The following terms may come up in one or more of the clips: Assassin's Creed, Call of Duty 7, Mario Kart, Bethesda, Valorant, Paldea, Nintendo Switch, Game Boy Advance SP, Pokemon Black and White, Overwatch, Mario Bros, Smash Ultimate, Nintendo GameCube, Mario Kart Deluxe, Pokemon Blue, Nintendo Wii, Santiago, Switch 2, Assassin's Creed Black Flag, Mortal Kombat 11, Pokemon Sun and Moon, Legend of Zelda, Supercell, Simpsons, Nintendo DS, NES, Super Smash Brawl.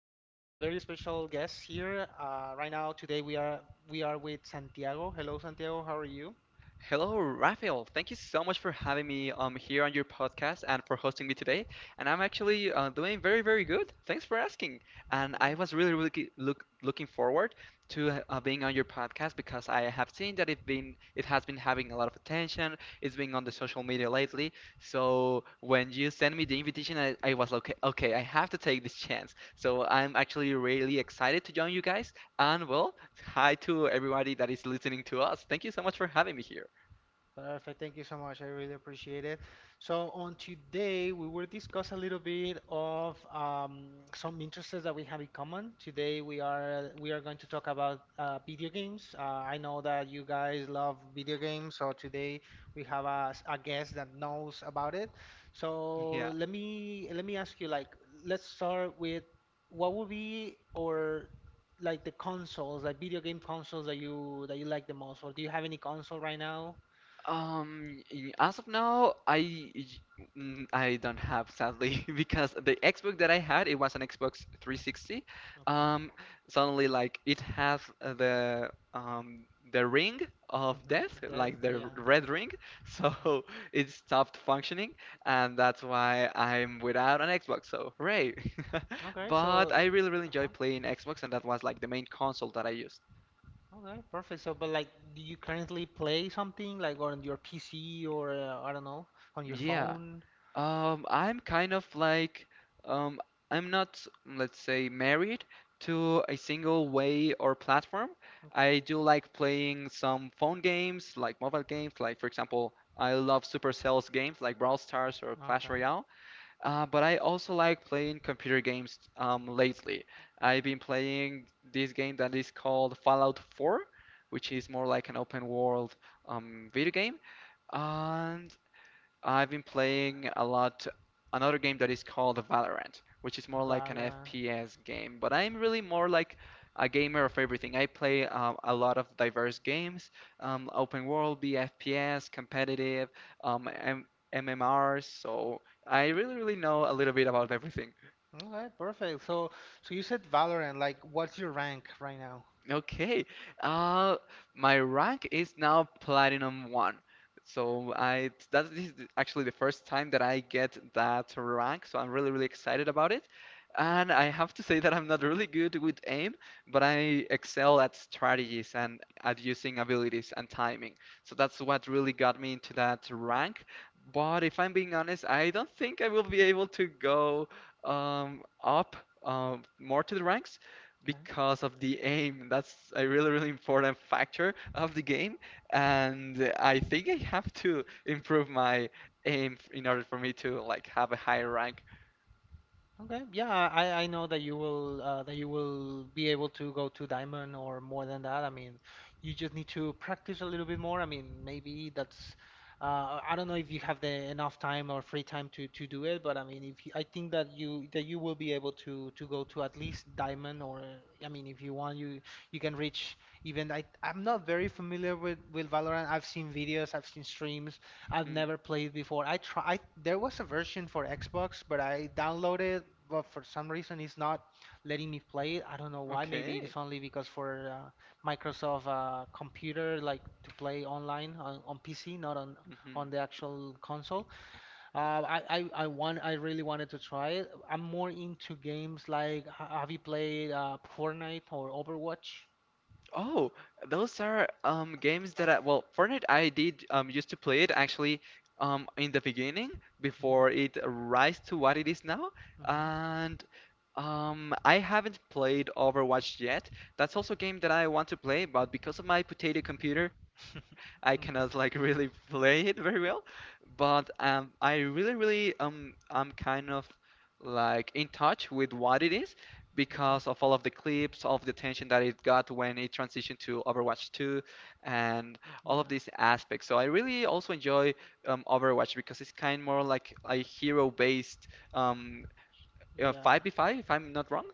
very special guest here. Right now, today we are with Santiago. Hello, Santiago. How are you? Hello, Raphael. Thank you so much for having me here on your podcast and for hosting me today. And I'm actually doing very, very good. Thanks for asking. And I was really, really looking forward to being on your podcast because I have seen that it has been having a lot of attention. It's been on the social media lately. So when you sent me the invitation, I was okay. Okay, I have to take this chance. So I'm actually really excited to join you guys. And well, hi to everybody that is listening to us. Thank you so much for having me here. Perfect. Thank you so much. I really appreciate it. So on today, we will discuss a little bit of some interests that we have in common. Today, we are going to talk about video games. I know that you guys love video games, so today we have a guest that knows about it. So Yeah. let me ask you, like, let's start with what would be or like the consoles, like video game consoles that you like the most, or do you have any console right now? As of now, I don't have sadly because the Xbox that I had it was an Xbox 360. Okay. Um, Suddenly like it has the ring of Mm-hmm. death, That's like the yeah. Red ring, so Mm-hmm. it stopped functioning, and that's why I'm without an Xbox. So hooray! Okay. But So, I really really uh-huh. enjoy playing Xbox, and that was like the main console that I used. Okay. Perfect. So, but like, do you currently play something like on your PC or I don't know, on your Yeah. phone? I'm kind of like, um, I'm not, let's say, married to a single way or platform. Okay. I do like playing some phone games, like mobile games, like for example, I love Supercell's games like Brawl Stars or Okay. Clash Okay. Royale. But I also like playing computer games, lately. I've been playing this game that is called Fallout 4, which is more like an open world, video game. And I've been playing a lot another game that is called Valorant, which is more like an Valorant. FPS game. But I'm really more like a gamer of everything. I play a lot of diverse games, open world, BFPS, competitive, M MMRs. So I really, really know a little bit about everything. Okay. Perfect. So, so you said Valorant. Like, what's your rank right now? Okay. Uh, my rank is now platinum one. So I that is actually the first time that I get that rank, so I'm really really excited about it. And I have to say that I'm not really good with aim, but I excel at strategies and at using abilities and timing. So that's what really got me into that rank. But if I'm being honest, I don't think I will be able to go up more to the ranks Okay. because of the aim. That's a really, really important factor of the game. And I think I have to improve my aim in order for me to like have a higher rank. Okay. Yeah, I know that you will be able to go to diamond or more than that. I mean, you just need to practice a little bit more. I mean, maybe that's I don't know if you have the enough time or free time to do it, but I mean, if you, I think that you will be able to go to at least diamond or I mean, if you want, you can reach even I'm not very familiar with Valorant. I've seen videos, I've seen streams, I've Hmm. never played before. I try. There was a version for Xbox, but I downloaded, but for some reason it's not letting me play it. I don't know why. Maybe it Okay. is only because for Microsoft computer, like to play online on PC, not on Hmm. on the actual console. Uh, I want. I really wanted to try it. I'm more into games like. Have you played Fortnite or Overwatch? Oh, those are games that I well, Fortnite I did used to play it actually in the beginning before Hmm it rise to what it is now. hmm And I haven't played Overwatch yet. That's also a game that I want to play, but because of my potato computer, I cannot like really Okay. play it very well. But I really, really I'm kind of like in touch with what it is Okay. because of all of the clips, all of the tension that it got when it transitioned to Overwatch 2, and all of Yeah. these aspects. So I really also enjoy Overwatch because it's kind more like a hero-based. um, Yeah. 5v5, if I'm not wrong?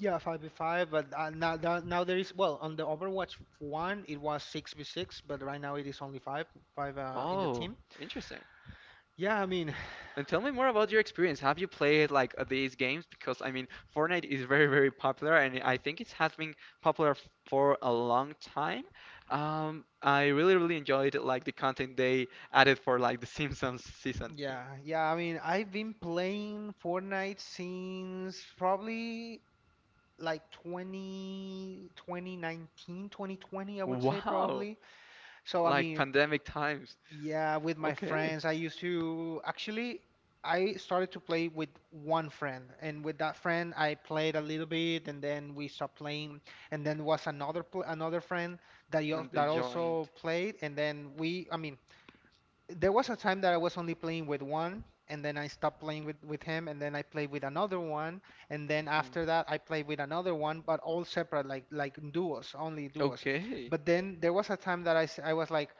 Yeah, 5v5, but now there is, well, on the Overwatch 1, it was 6v6, but right now it is only 5, 5 in the Oh, team. interesting. Yeah, I mean, And tell me more about your experience. Have you played like these games? Because I mean, Fortnite is very, very popular, and I think it has been popular for a long time. I really, really enjoyed like the content they added for like the Simpsons season. Yeah, I mean, I've been playing Fortnite since probably like 2019, 2020, I would say Wow, probably. So, I like mean, pandemic times. yeah, with my Okay, friends. I used to actually I started to play with one friend, and with that friend I played a little bit and then we stopped playing, and then was another friend and they that joined. also played, and then we I mean there was a time that I was only playing with one, and then I stopped playing with him, and then I played with another one, and then Hmm. after that I played with another one, but all separate like duos, only duos. Okay, But then there was a time that I was like,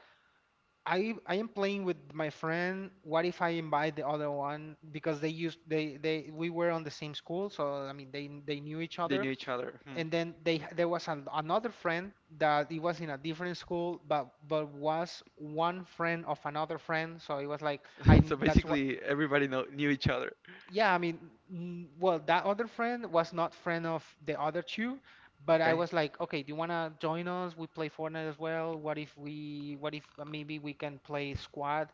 I am playing with my friend. What if I invite the other one? Because they used they we were on the same school, so I mean they knew each they other. knew each other. Hmm. And then they there was an, another friend that it was in a different school, but was one friend of another friend. So it was like I So that's what basically, everybody know knew each other. yeah, I mean, well, that other friend was not friend of the other two, but I Okay. was like, okay, do you wanna join us? We play Fortnite as well. What if we, what if maybe we can play squad?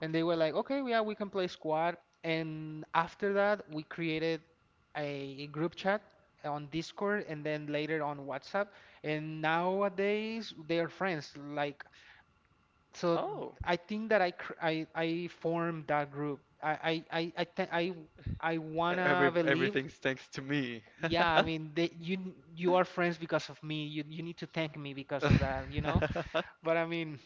And they were like, okay, yeah, we can play squad. And after that, we created a group chat on Discord and then later on WhatsApp. And nowadays, they are friends. Like so Oh. I think that I formed that group. I I E-, wanna Every believe. everything's thanks to me. Yeah, I mean, you are friends because of me. You need to thank me because of that, you know? But I mean,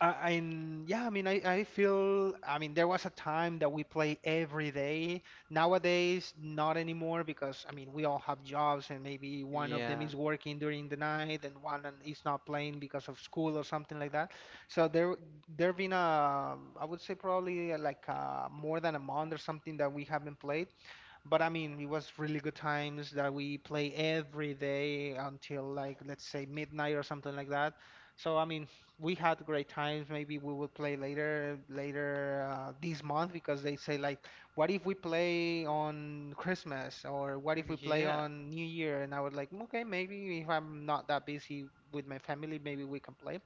and yeah, I mean, I feel, I mean, there was a time that we play every day. Nowadays, not anymore because, I mean, we all have jobs, and maybe one of them Yeah. is working during the night, and one and is not playing because of school or something like that. So there been a, I would say probably like more than a month or something that we haven't played. But I mean, it was really good times that we play every day until like let's say midnight or something like that. So I mean, we had great times. Maybe we will play later this month because they say like, what if we play on Christmas, or what if we play Yeah. on New Year? And I was like, okay, maybe if I'm not that busy with my family, maybe we can play.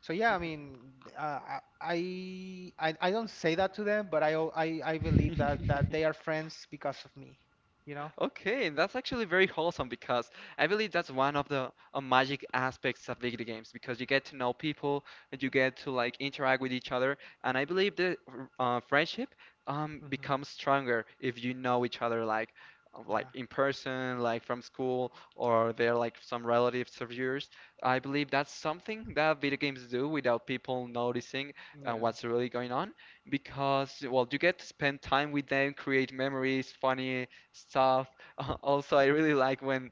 So yeah, I mean, uh, I don't say that to them, but I I believe that they are friends because of me, you know? Okay, that's actually very wholesome because I believe that's one of the magic aspects of video games because you get to know people and you get to like interact with each other, and I believe the friendship Hmm becomes stronger if you know each other Yeah, like in person, like from school, or they're like some relatives of yours. I believe that's something that video games do without people noticing yeah, what's really going on because well you get to spend time with them, create memories, funny stuff. Also, I really like when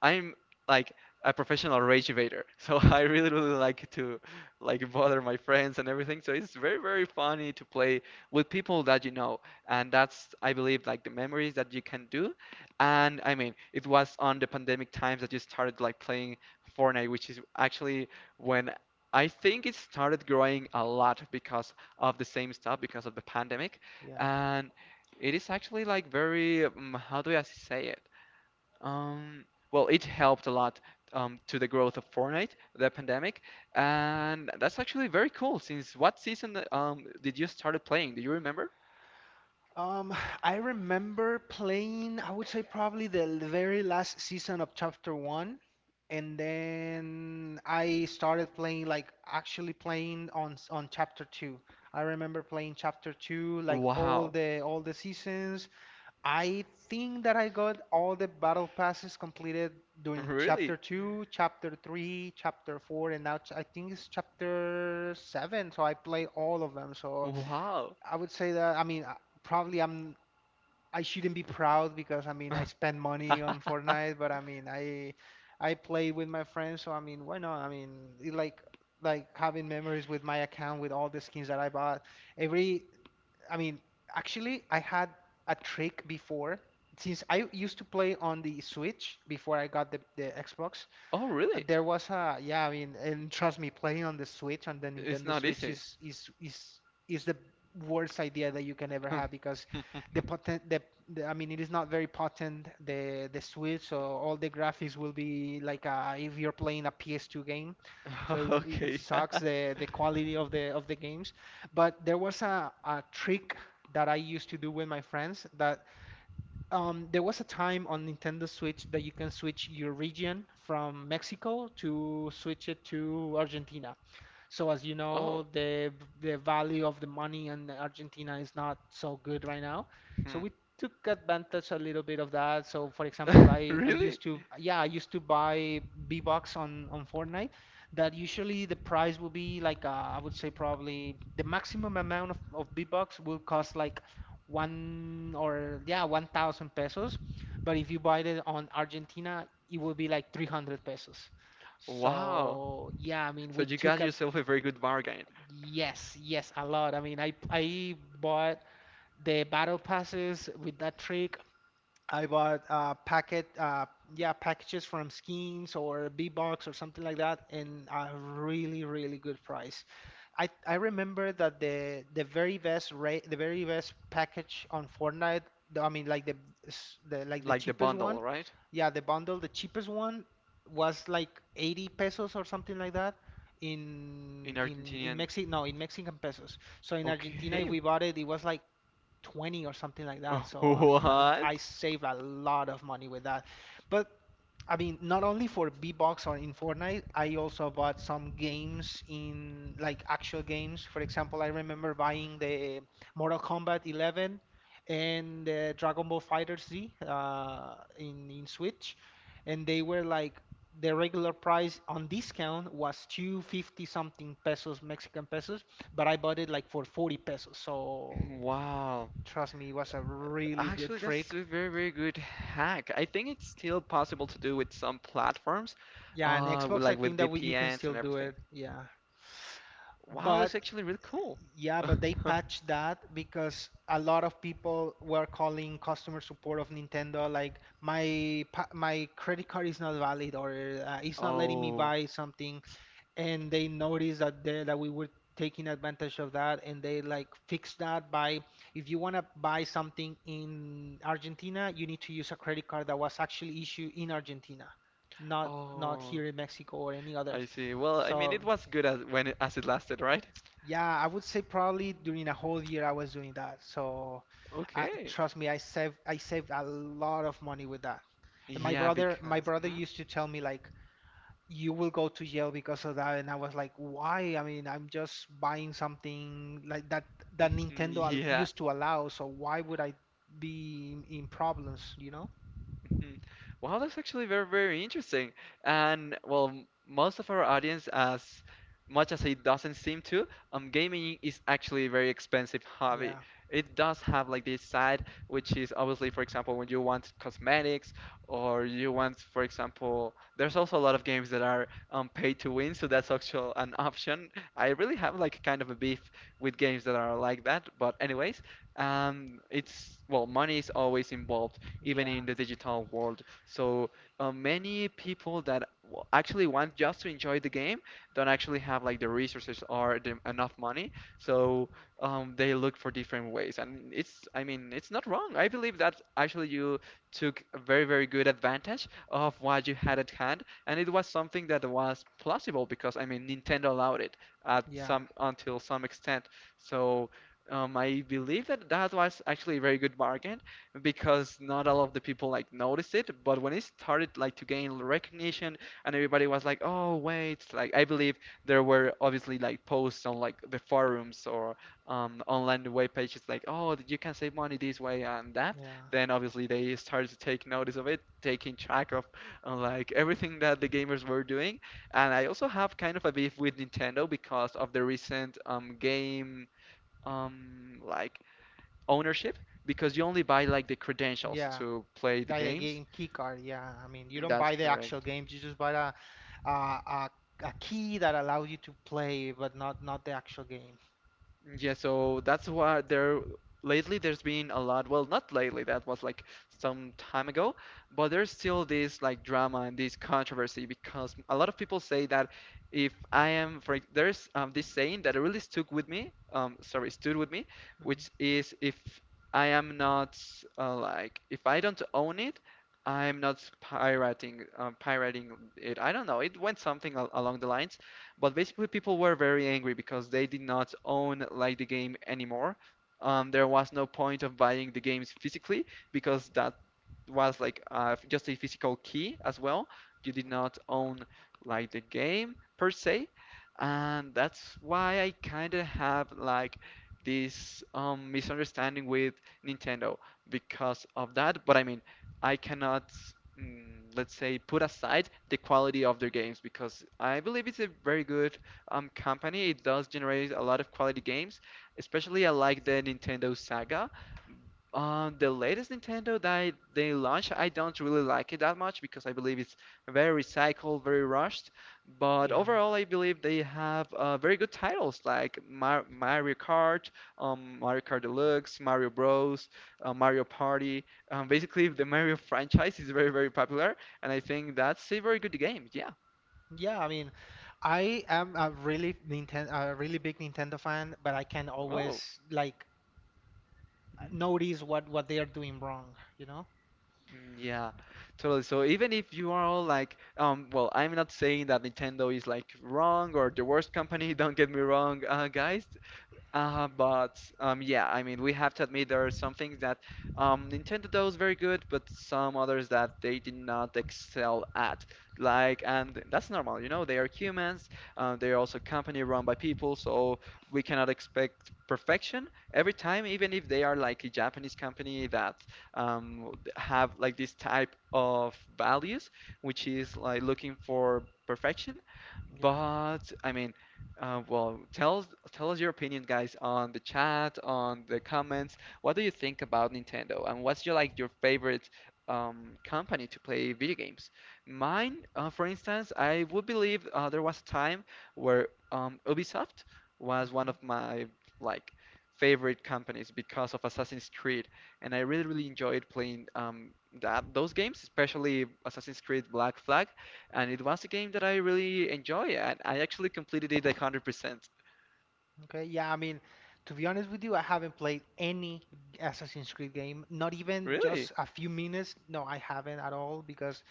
I'm like a professional rage evader, so I really really like to like bother my friends and everything. So it's very very funny to play with people that you know, and that's I believe like the memories that you can do. And I mean, it was on the pandemic times that you started like playing Fortnite, which is actually when I think it started growing a lot because of the same stuff, because of the pandemic, yeah. and it is actually like very how do I say it? Um, well, it helped a lot to the growth of Fortnite, the pandemic, and that's actually very cool. Since what season did you started playing? Do you remember? Um, I remember playing, I would say probably very last season of Chapter 1, and then I started playing like actually playing on Chapter 2. I remember playing Chapter 2 like all Wow, the all the seasons. I think that I got all the battle passes completed during chapter really? 2, chapter 3, chapter 4, and now I think it's chapter 7, so I played all of them. So Wow. I would say that, I mean, probably I shouldn't be proud because I mean, I spend money on Fortnite, but I mean, I play with my friends, so I mean, why not? I mean, it like having memories with my account with all the skins that I bought. Every I mean, actually, I had a trick before. Since I used to play on the Switch before I got the Xbox, Oh, really? there was a yeah, I mean, and trust me, playing on the Switch on the It's Nintendo not Switch easy. is the worst idea that you can ever Hmm. have because the potent the, it is not very potent the Switch, so all the graphics will be like if you're playing a PS2 game. So it, it Okay. sucks the quality of the games. But there was a trick that I used to do with my friends that there was a time on Nintendo Switch that you can switch your region from Mexico to switch it to Argentina. So as you know, Oh, the value of the money in Argentina is not so good right now. So hmm. we took advantage a little bit of that. So for example, I Really? used to I used to buy V-Bucks on Fortnite. That usually the price will be like I would say probably the maximum amount of V-Bucks will cost like one or yeah 1,000 pesos. But if you buy it on Argentina, it will be like 300 pesos. Wow. So yeah, I mean, So we you got took ad. yourself a very good bargain, Yes, yes, a lot. I mean, I bought the battle passes with that trick. I bought yeah, packages from Schemes or Bbox or something like that, in a really, really good price. I remember that the very best rate, the very best package on Fortnite, I mean, like the like the cheapest one, bundle, right? yeah, the bundle, the cheapest one was like 80 pesos or something like that In in in Argentinian. Mexico, no, in Mexican pesos. So in Argentina, if Okay. we bought it, it was like 20 or something like that. So I mean, I What? save a lot of money with that. But I mean, not only for B-Box or in Fortnite, I also bought some games in like actual games. For example, I remember buying the Mortal Kombat 11 and Dragon Ball Fighter Z in Switch, and they were like the regular price on discount was 250 something pesos, Mexican pesos, but I bought it like for 40 pesos. So Wow. trust me, it was a really good Actually, that's trick. a very, very good hack. I think it's still possible to do with some platforms, Yeah, and with, Xbox, I like with think that we, you can VPNs still and do everything. it. Yeah. Wow, that's But actually really cool. yeah, but they patched that because a lot of people were calling customer support of Nintendo like my my credit card is not valid, or it's not letting me Oh, buy something. And they noticed that we were taking advantage of that, and they like fixed that by, if you want to buy something in Argentina, you need to use a credit card that was actually issued in Argentina, not oh, here in Mexico or any others. I see. Well, I mean, it So was good as when it, as it lasted, right? yeah, I would say probably during a whole year I was doing that. So, Okay. trust me, I saved a lot of money with that. And my Yeah, brother my because. brother Mhm, used to tell me, like, you will go to jail because of that. And I was like, why? I mean, I'm just buying something like that, that mhm. Nintendo Yeah. used to allow, so why would I be in problems, you know? Mhm. Wow, that's actually very, very interesting. And well, most of our audience, as much as it doesn't seem to, gaming is actually a very expensive hobby. Yeah, It does have like this side, which is obviously, for example, when you want cosmetics or you want, for example, there's also a lot of games that are pay to win, so that's actually an option. I really have like kind of a beef with games that are like that, but anyways, it's well, money is always involved even yeah, in the digital world. So many people that actually want just to enjoy the game don't actually have like the resources or the, enough money. So they look for different ways, and it's I mean it's not wrong. I believe that actually you took a very very good advantage of what you had at hand, and it was something that was plausible because I mean Nintendo allowed it at yeah, some until some extent. So. I believe that that was actually a very good bargain, because not all of the people like noticed it but when it started like to gain recognition and everybody was like oh wait like I believe there were obviously like posts on like the forums or online web pages like oh you can save money this way and that yeah, then obviously they started to take notice of it taking track of like everything that the gamers were doing and I also have kind of a beef with nintendo because of the recent game like ownership because you only buy like the credentials yeah. to play the Like a games. game key card, yeah. I mean, you don't That's buy the actual correct. games, you just buy a a, a, a key that allows you to play, but not the actual game. Yeah, so that's why there lately there's been a lot, well, not lately, that was like some time ago, but there's still this like drama and this controversy because a lot of people say that if I am, there's this saying that really stuck with me, sorry, stood with me, Mhm. which is if I am not like if I don't own it, I'm not pirating, pirating it. I don't know, it went something al along the lines. But basically, people were very angry because they did not own like the game anymore. There was no point of buying the games physically because that was like just a physical key as well. You did not own like the game per se, and that's why I kind of have like this misunderstanding with Nintendo because of that. But I mean, I cannot mm, let's say put aside the quality of their games because I believe it's a very good company. It does generate a lot of quality games. Especially I like the Nintendo Saga. The latest Nintendo that they launched, I don't really like it that much because I believe it's very recycled, very rushed. But Yeah. overall, I believe they have very good titles like Mario Kart, Mario Kart Deluxe, Mario Bros, Mario Party. Basically, the Mario franchise is very, very popular, and I think that's a very good game. Yeah. Yeah, I mean, I am a really Nintendo, a really big Nintendo fan, but I can Wow. always, like, notice what they are doing wrong, you know? Mm, yeah, totally. So even if you are all like, well, I'm not saying that Nintendo is like wrong or the worst company, don't get me wrong, guys. But yeah, I mean, we have to admit there are some things that Nintendo does very good, but some others that they did not excel at. Like, and that's normal, you know, they are humans. They are also a company run by people, so we cannot expect perfection every time, even if they are like a Japanese company that have like this type of values, which is like looking for perfection. Yeah. But I mean, tell us your opinion, guys, on the chat, on the comments. What do you think about Nintendo, and what's your like your favorite company to play video games? Mine, for instance, I would believe there was a time where Ubisoft was one Okay. of my like favorite companies because of Assassin's Creed, and I really enjoyed playing that those games, especially Assassin's Creed Black Flag, and it was a game that I really enjoy. And I actually completed it 100%. Okay. Yeah, I mean, to be honest with you, I haven't played any Assassin's Creed game, not even Really? just a few minutes. No, I haven't at all, because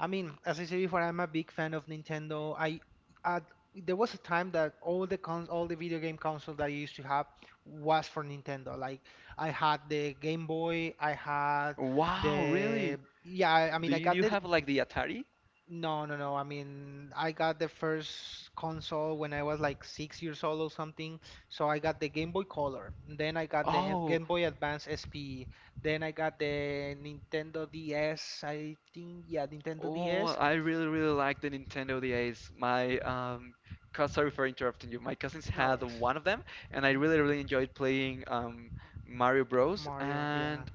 I mean, as I said before, I'm a big fan of Nintendo. I There was a time that all the video game console that I used to have was for Nintendo. Like, I had the Game Boy, I had Wow, really? the yeah. I, I Do mean I you, do got you the have like the Atari? no, no, no. I mean, I got the first console when I was like 6 years old or something. So I got the Game Boy Color. Then I got the Oh, Game Boy Advance SP. Then I got the Nintendo DS, I think. Yeah, Nintendo oh, DS. I really, really like the Nintendo DS. My sorry for interrupting you. My cousins No had worries. one of them, and I Mhm. really, really enjoyed playing Mario Bros. Mario, yeah, And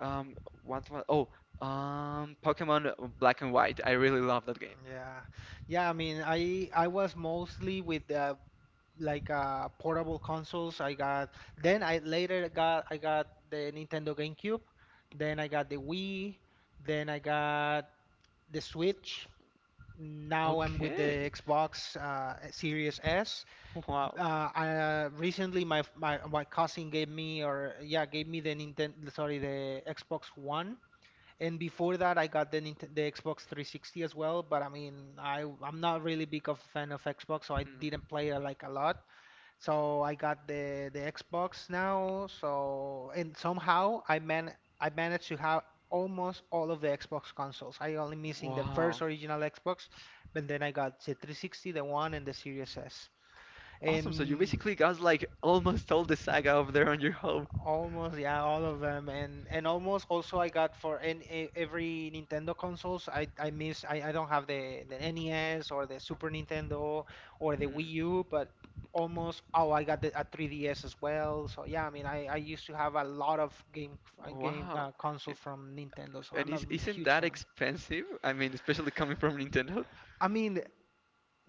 um, what was oh, Pokemon Black and White. I really love that game. yeah, yeah. I mean, I was mostly with like, portable consoles. I got, then I later got, I got the Nintendo GameCube, then I got the Wii, then I got the Switch. Now I'm with the Okay. Xbox, Series S. Wow. Recently, my cousin gave me, or yeah, gave me the Nintendo, sorry, the Xbox One. And before that, I got the the Xbox 360 as well. But I mean, I'm not really big of a fan of Xbox, so I Hmm. didn't play it like a lot. So I got the Xbox now. So and somehow I managed to have almost all of the Xbox consoles. I only missing the first Wow. original Xbox, but then I got the 360, the One, and the Series S. Awesome. So you And basically got like almost all the saga of there on your home. almost, yeah, all of them, and almost also I got for any every Nintendo consoles. I don't have the NES or the Super Nintendo or the Wii Hmm. U, but almost, oh, I got a 3DS as well. So yeah, I mean, I used to have a lot of game game Wow. Console I- from Nintendo, so And I'm a is Isn't huge that fan. expensive? I mean, especially coming from Nintendo. I mean,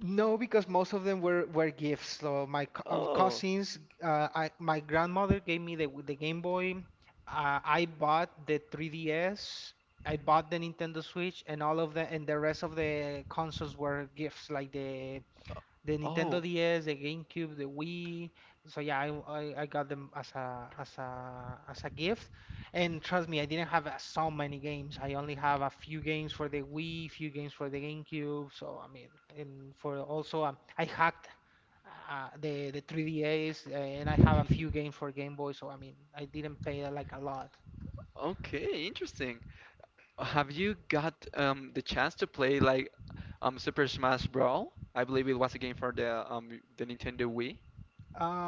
no, because most of them were, gifts. So my cou- Oh. cousins, I, my grandmother gave me the Game Boy. I bought the 3DS. I Hmm. bought the Nintendo Switch, and all of the and the rest of the consoles were gifts, like the Nintendo Oh. DS, the GameCube, the Wii. So yeah, I got them as a gift. And trust me, I didn't have, so many games. I only have a few games for the Wii, few games for the GameCube. So I mean, and for also, I hacked, the 3DS, and I have a few games for Game Boy. So I mean, I didn't pay, like, a lot. Okay, interesting. Have you got the chance to play like Super Smash Brawl? I believe it was a game for the Nintendo Wii,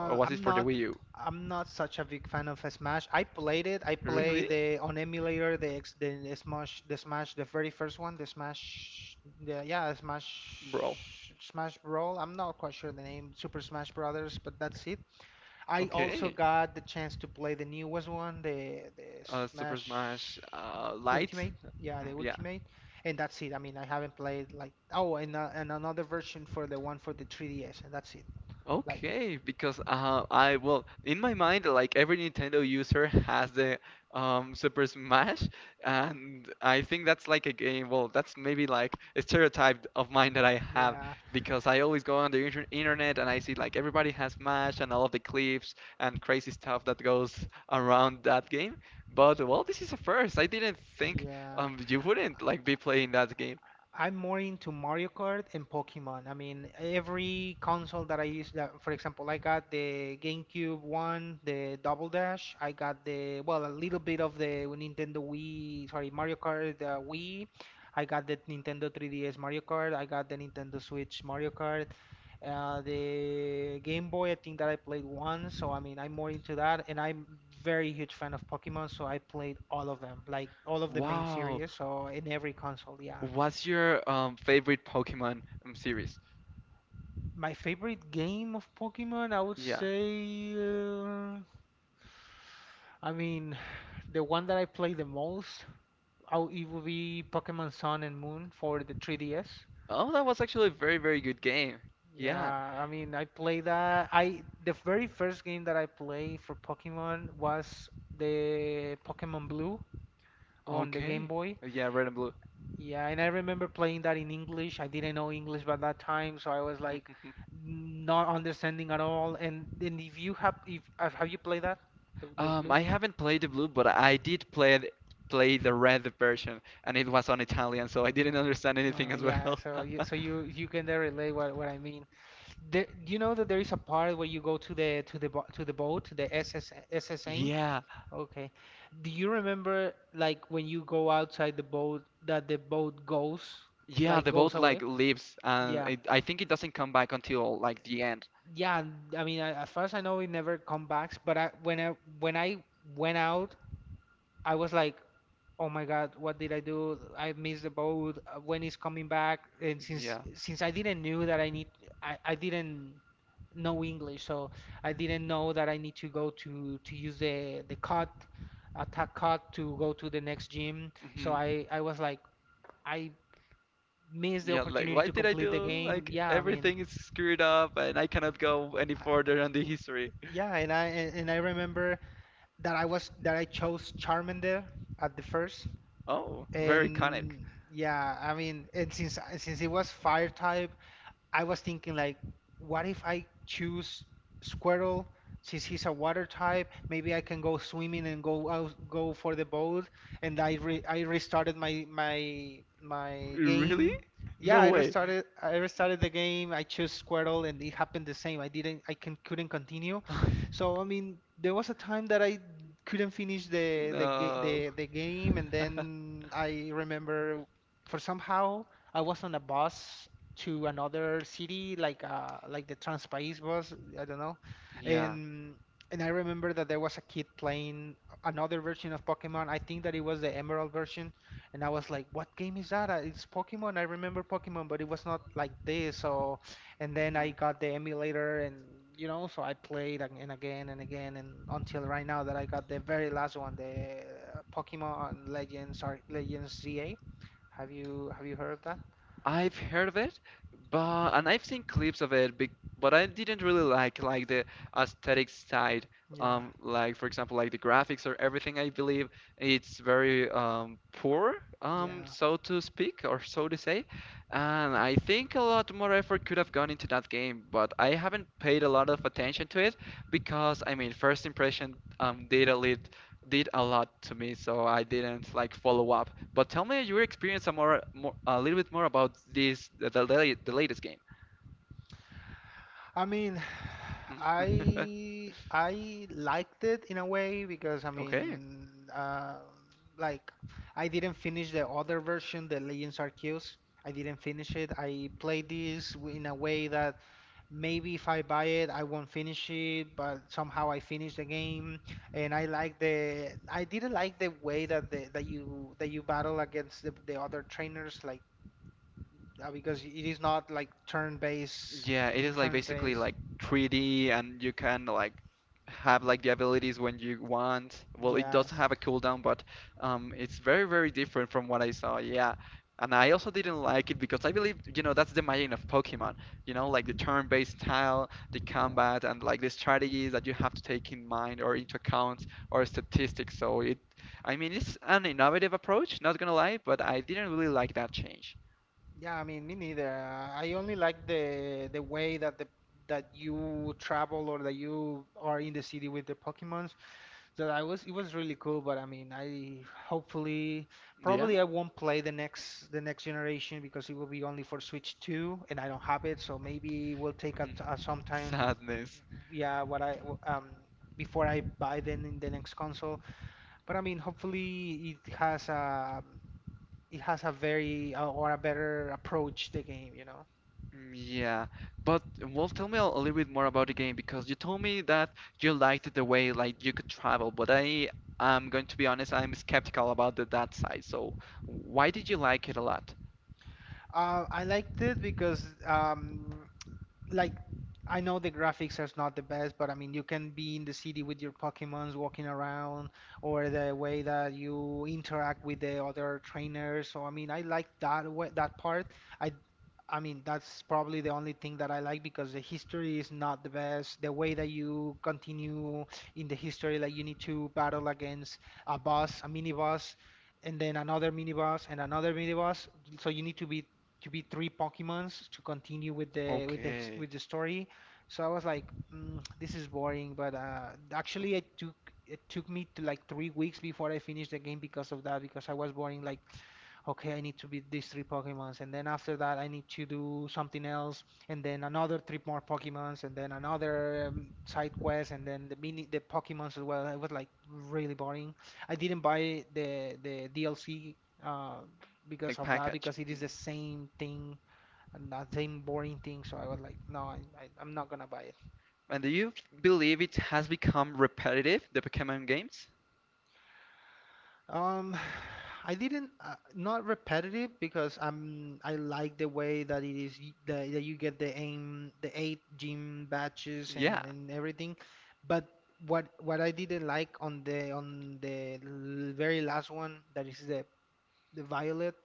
or was it I'm for the Wii not U? I'm not such a big fan of Smash. I played it. I play Really? the on emulator, the ex, the Smash the very first one, the Smash, the, yeah, Smash Brawl. Smash Brawl. I'm not quite sure the name, Super Smash Brothers, but that's it. I also Okay. got the chance to play the newest one, the Super Smash Smash Light? Ultimate. Yeah, Mhm, the yeah. Ultimate. And that's it. I mean, I haven't played like, oh, and another version for the one for the 3DS, and that's it. Like, Okay, because I, well, in my mind, like every Nintendo user has the Super Smash, and I think that's like a game. Well, that's maybe like a stereotype of mine that I have yeah. because I always go on the internet and I see like everybody has Smash and all of the clips and crazy stuff that goes around that game. But well, this is a first. I didn't think Yeah. You wouldn't like be playing that game. I'm more into Mario Kart and Pokemon. I mean, every console that I use, that, for example, I got the GameCube one, the Double Dash. I got well, a little bit of the Nintendo Wii, sorry, Mario Kart, Wii. I got the Nintendo 3DS Mario Kart. I got the Nintendo Switch Mario Kart. The Game Boy, I think that I played one. So, I mean, I'm more into that. And I'm very huge fan of Pokemon, so I played all of them, like all of the main Wow. series. So, in every console, yeah. What's your favorite Pokemon series? My favorite game of Pokemon, I would Yeah. say, I mean, the one that I play the most, it would be Pokemon Sun and Moon for the 3DS. Oh, that was actually a very, very good game. Yeah. Yeah, I mean, I play that. I the very first game that I played for Pokemon was the Pokemon Blue on the Game Okay. Boy. Yeah, Red and Blue. Yeah, and I remember playing that in English. I didn't know English by that time, so I was like not understanding at all. And then, if you have if have you played that, the Blue? I haven't played the Blue, but I did play the Red version, and it was on Italian, so I didn't understand anything as Yeah, well. so you, so you can there relate what I mean. Do you know that there is a part where you go to the, to the bo to the boat, the S S S S A? Yeah. Okay. Do you remember, like, when you go outside the boat, that the boat goes, Yeah, like, the goes boat like away? leaves, and Yeah. it, I think it doesn't come back until like the end. Yeah, I mean, as far as I know, it never come back. But I, when I when I went out, I was like, oh my God, what did I do? I missed the boat. When is coming back? And since Yeah. since I didn't knew that I need, I didn't know English, so I didn't know that I need to go to, use the cot, attack cot, to go to the next gym. So Mm-hmm. I was like, I missed the Yeah, like opportunity why to did I complete the do, game. like Yeah, I mean. everything is screwed up and I cannot go any I- further on the history. Yeah, and I remember that I chose Charmander at the first, Oh, very iconic. and yeah, I mean, and since it was Fire type, I was thinking, like, what if I choose Squirtle, since he's a water type? Maybe I can go swimming and go out, go for the boat. And I restarted my Really? game. Yeah, No I way. restarted I restarted the game. I chose Squirtle, and it happened the same. I didn't, I can couldn't continue. So I mean, there was a time that I couldn't finish the the ga- No. the the game, and then I remember, for somehow I was on a bus to another city, like, like the Transpaís was, I don't know. Yeah. And and I remember that there was a kid playing another version of Pokemon. I think that it was the Emerald version, and I was like, "What game is that? It's Pokemon. I remember Pokemon, but it was not like this." So, and then I Hmm. got the emulator, and you know, so I played ag- and again and again, and until right now that I got the very last one, the Pokemon Legends, Legends ZA. Have you heard of that? I've heard of it, but and I've seen clips of it, but I didn't really like the aesthetic side. Yeah, Like for example, like the graphics or everything. I believe it's very poor, yeah. so to speak, or so to say. And I think a lot more effort could have gone into that game, but I haven't paid a lot of attention to it because I mean, first impression did a lot to me, so I didn't like follow up. But tell me your experience a more a little bit more about this the, la- the latest game. I mean, I liked it in a way, because I Okay, mean, uh, like, I didn't finish the other version, the Legends Arceus. I didn't finish it. I played this, in a way, that maybe if I buy it, I won't finish it, but somehow I finished the game. And I didn't like the way that the, that you battle against the other trainers, like, because it is not like turn-based yeah, it is like basically turn-based. like 3D and you can like have like the abilities when you want. Well, it does Yes, have a cooldown, but it's very different from what I saw. Yeah. And I also didn't like it because I believe, you know, that's the magic of Pokemon. You know, like the turn-based style, the yeah, combat, and like the strategies that you have to take in mind or into account or statistics. So I mean, it's an innovative approach, not gonna lie, but I didn't really like that change. yeah. I mean, me neither. I only like the way that you travel, or that you are in the city with the Pokemons. So I was it was really cool. But I mean, I hopefully Yeah. probably I won't play the next generation, because it will be only for Switch 2, and I don't have it. So maybe it will take some time. Sadness. Yeah, before I buy, then, in the next console. But I mean, hopefully it has a very, or a better approach the game. Mm, yeah, but well, tell me a little bit more about the game because you told me that you liked the way like you could travel, but I'm going to be honest, I'm skeptical about that side. So why did you like it a lot? I liked it because, like, I know the graphics are not the best, but I mean you can be in the city with your Pokemons walking around, or the way that you interact with the other trainers. So I mean I like that way, that part. I I mean that's probably the only thing that I like, because the history is not the best. The way that you continue in the history, like you need to battle against a boss, a mini boss. And then another mini boss and another mini boss. So you need to beat to be three Pokemons to continue with the with the his- Okay. with the story. So I was like, this is boring. But actually, it took me to like 3 weeks before I finished the game because of that, because I was boring like okay, I need to beat these three Pokemons, and then after that, I need to do something else, and then another three more Pokemons, and then another side quest, and then the Pokemons as well. It was like really boring. I didn't buy the DLC uh, because Like of that, package. because it is Mhm. the same thing and the same boring thing. So I was like, no, I'm not gonna buy it. And do believe it has become repetitive, the Pokemon games? Um, I didn't not repetitive because I like the way that that you get the eight gym batches Yeah. And everything, but what I didn't like on the very last one that is the violet,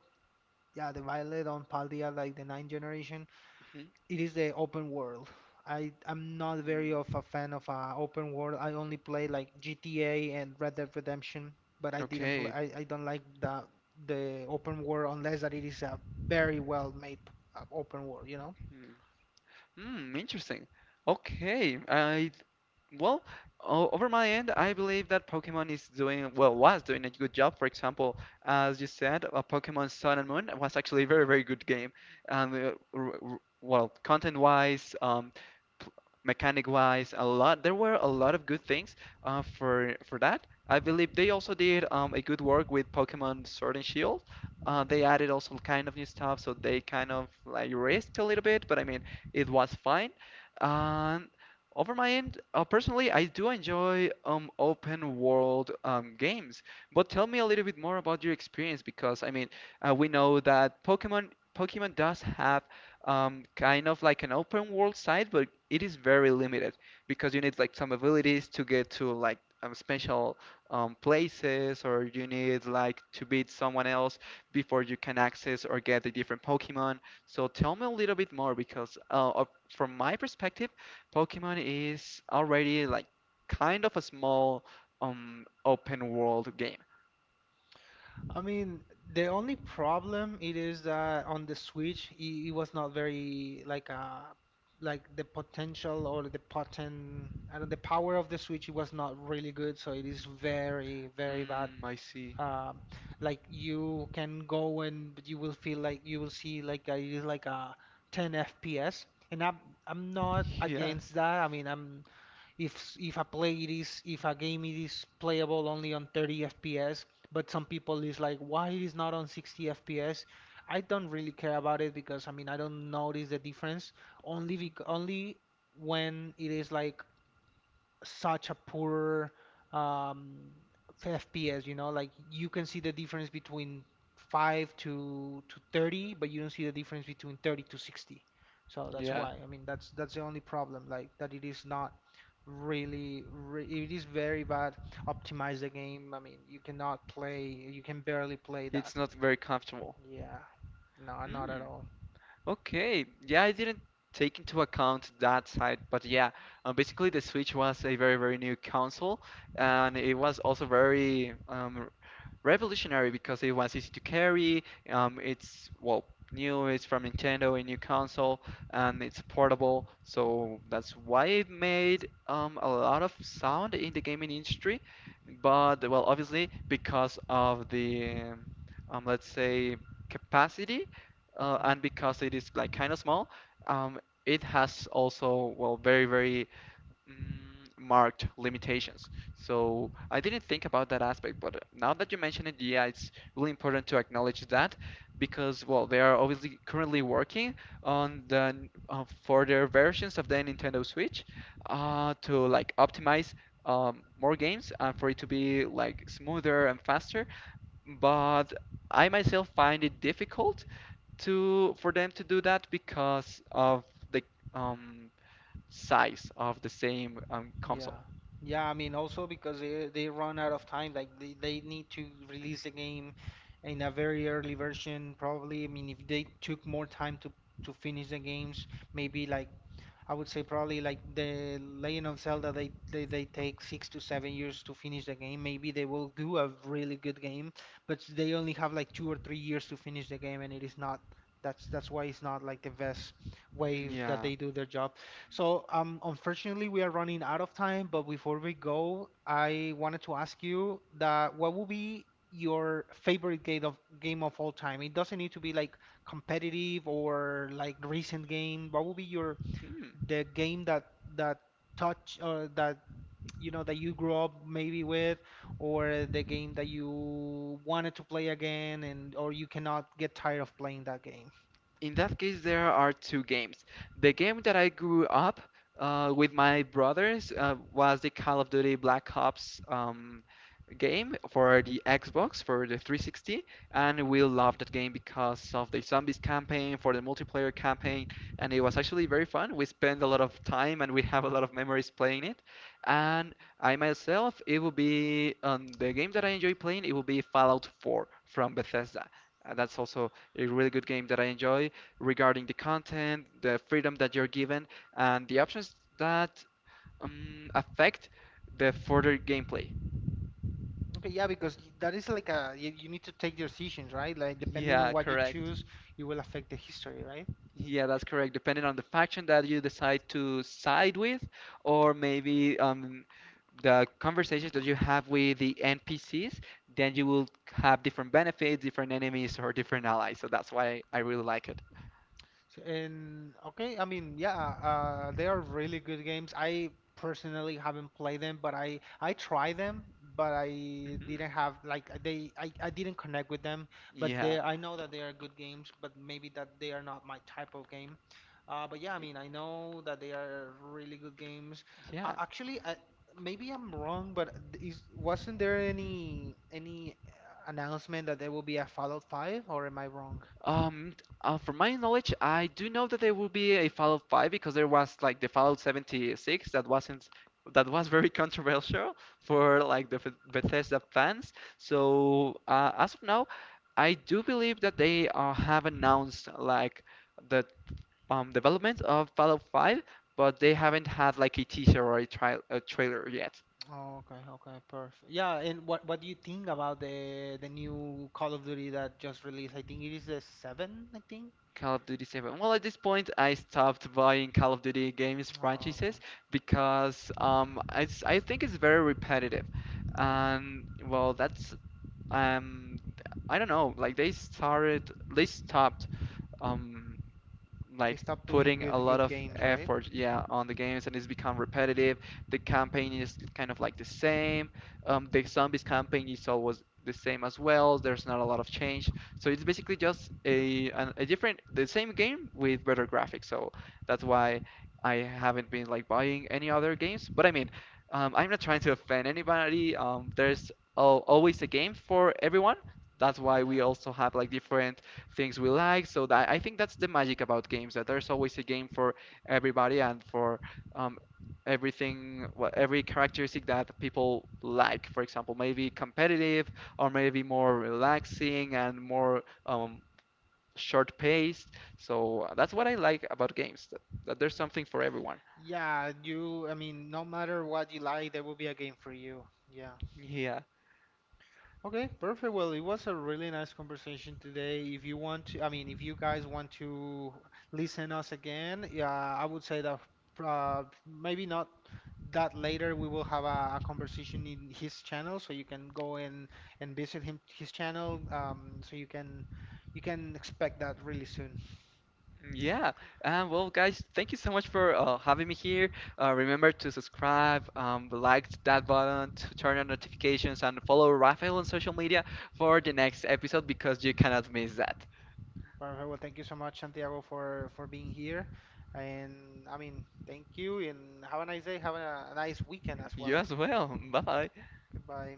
yeah, the violet on Paldea, like the ninth generation, Mhm. it is the open world. I'm not very of Hmm. a fan of open world. I only play like GTA and Red Dead Redemption, but I didn't play. Okay. I don't like the open world unless that it is a very well made open world. You know. Hmm, interesting. Okay, I Well, over my end, I believe that Pokemon is doing well, was doing a good job. For example, as you said, Pokemon Sun and Moon was actually a very, very good game. And well, content-wise, p- mechanic-wise, a lot. There were a lot of good things for that. I believe they also did a good work with Pokemon Sword and Shield. Yeah. They added also kind of new stuff, so they kind of like risked a little bit. But I mean. It was fine. And over my end, personally, I do enjoy open world games. But tell me a little bit more about your experience because I mean, we know that Pokemon does have kind of like an open world side, but it is very limited because you need like some abilities to get to like special places, or you need like to beat someone else before you can access or get a different Pokemon. So tell me a little bit more because from my perspective, Pokemon is already like kind of a small open world game. I mean, the only problem it is that on the Switch it was not very like like the potential or the potent I don't the power of the Switch, it was not really good, so it is very very bad. Mm, I see. um like you can go and you will feel like you will see like a you like a 10 FPS, and I'm not Yeah. against that. I mean, I'm if if a play it is if a game it is playable only on 30 FPS, but some people is like why it is not on 60 FPS. I don't really care about it because I mean I don't notice the difference, Mm, only when it is like such a poor um, FPS, like you can see the difference between 5 to 30, but you don't see the difference between 30 to 60. So that's yeah. why. I mean, that's the only problem, like that it is not really re it is very bad optimize the game. I mean, you cannot play, you can barely play that. It's not very comfortable. Yeah. No, not at Mm, all. okay. Yeah, I didn't take into account that side, but yeah, basically the Switch was a very, very new console, and Yeah. it was also very revolutionary because it was easy to carry. It's well new. It's from Nintendo, a new console, and it's portable. So that's why it made a lot of sound in the gaming industry. But well, obviously because of the let's say capacity, Mhm. and because it is like kind of small, um, it has also well very Mm, marked limitations. So I didn't think about that aspect, but now that you mention it, yeah, it's really important to acknowledge that because, well, they are obviously currently working on further versions of the Nintendo Switch to like optimize more games and for it to be like smoother and faster. But I myself find it difficult to for them to do that because of the um, size of the same Yeah. console. Yeah, I mean also because they run out of time, like they need to release the game in a very early version probably. I mean if they took more time to finish the games, maybe like I would say probably like the Legend of Zelda, they take 6 to 7 years to finish the game. Maybe they will do a really good game, but they only have like 2 or 3 years to finish the game, and it is not, that's why it's not like the best way that Yeah. they do their job. So, unfortunately, we are running out of time, but before we go, I wanted to ask you that what would be your favorite game of all time? It doesn't need to be like competitive or like recent game. What would be your, Hmm. the game that touch, or that you know that you grew up maybe with, or the game that you wanted to play again, and or you cannot get tired of playing that game? In that case, there are two games. The game that I grew up with my brothers was the Call of Duty Black Ops game for the Xbox, for the 360, and we loved that game because of the zombies campaign, for the multiplayer campaign, and it was actually very fun. We spent a lot of time and we have a lot of memories playing it. And I myself, it will be the game that I enjoy playing, it will be Fallout 4 from Bethesda. That's also a really good game that I enjoy regarding the content, the freedom that you're given, and the options that affect the further gameplay. Okay, yeah, because that is like a, you need to take decisions, right? Like depending on Yeah, what you correct. choose, it will affect the history, right? Yeah, that's correct. Depending on the faction that you decide to side with, or maybe the conversations that you have with the NPCs, then you will have different benefits, different enemies, or different allies. So that's why I really like it. So, and okay, I mean, yeah, they are really good games. I personally haven't played them, but I tried them, but I Hmm. didn't have like they, I didn't connect with them. But Yeah. they, I know that they are good games, but maybe that they are not my type of game. But yeah, I Y- mean, I know that they are really good games. Yeah. Actually, maybe I'm wrong, but is wasn't there any announcement that there will be a Fallout 5, or am I wrong? Um, from my knowledge, I do know that there will be a Fallout 5 because there was like the Fallout 76 that wasn't that was very controversial for like the Bethesda fans. So as of now, I do believe that they have announced like the development of Fallout 5, but they haven't had like a teaser or a trailer yet. Oh, okay, okay, perfect. Yeah, and what do you think about the new Call of Duty that just released? I think it is the seven, I think. Call of Duty 7. Well, at this point, I stopped buying Call of Duty games Oh, okay. franchises because I think it's very repetitive. Yeah. And well, that's um, I don't know. They stopped um, They like stopped doing putting a lot good of games, right? effort, yeah, on the games, and it's become repetitive. The campaign is kind of like the same. The zombies campaign is always the same as well. There's not a lot of change, so it's basically just a different, the same game with better graphics. So that's why I haven't been like buying any other games. But I mean, I'm not trying to offend anybody. There's al always a game for everyone. That's why we Yeah. also have like different things we like. So that I think that's the magic about games, that there's always a game for everybody and for um, everything, every characteristic that people like. For example, maybe competitive or maybe more relaxing and more short-paced. So that's what I like about games, that there's something for everyone. Yeah, you, I mean, no matter what you like, there will be a game for you. Yeah. Yeah. Okay, perfect. Well, it was a really nice conversation today. If you want to, I mean, if you guys want to listen us again, yeah, I would say that maybe not that later. We will have a conversation in his channel, so you can go in and visit him his channel. So you can, you can expect that really soon. Yeah. Well, guys, thank you so much for having me here. Remember to subscribe, like that button, to turn on notifications, and follow Rafael on social media for the next episode because you cannot miss that. Perfect. Well, thank you so much, Santiago, for being here. And I mean, thank you, and have a nice day. Have a nice weekend as You well. as well. Bye Mhm. bye. Goodbye.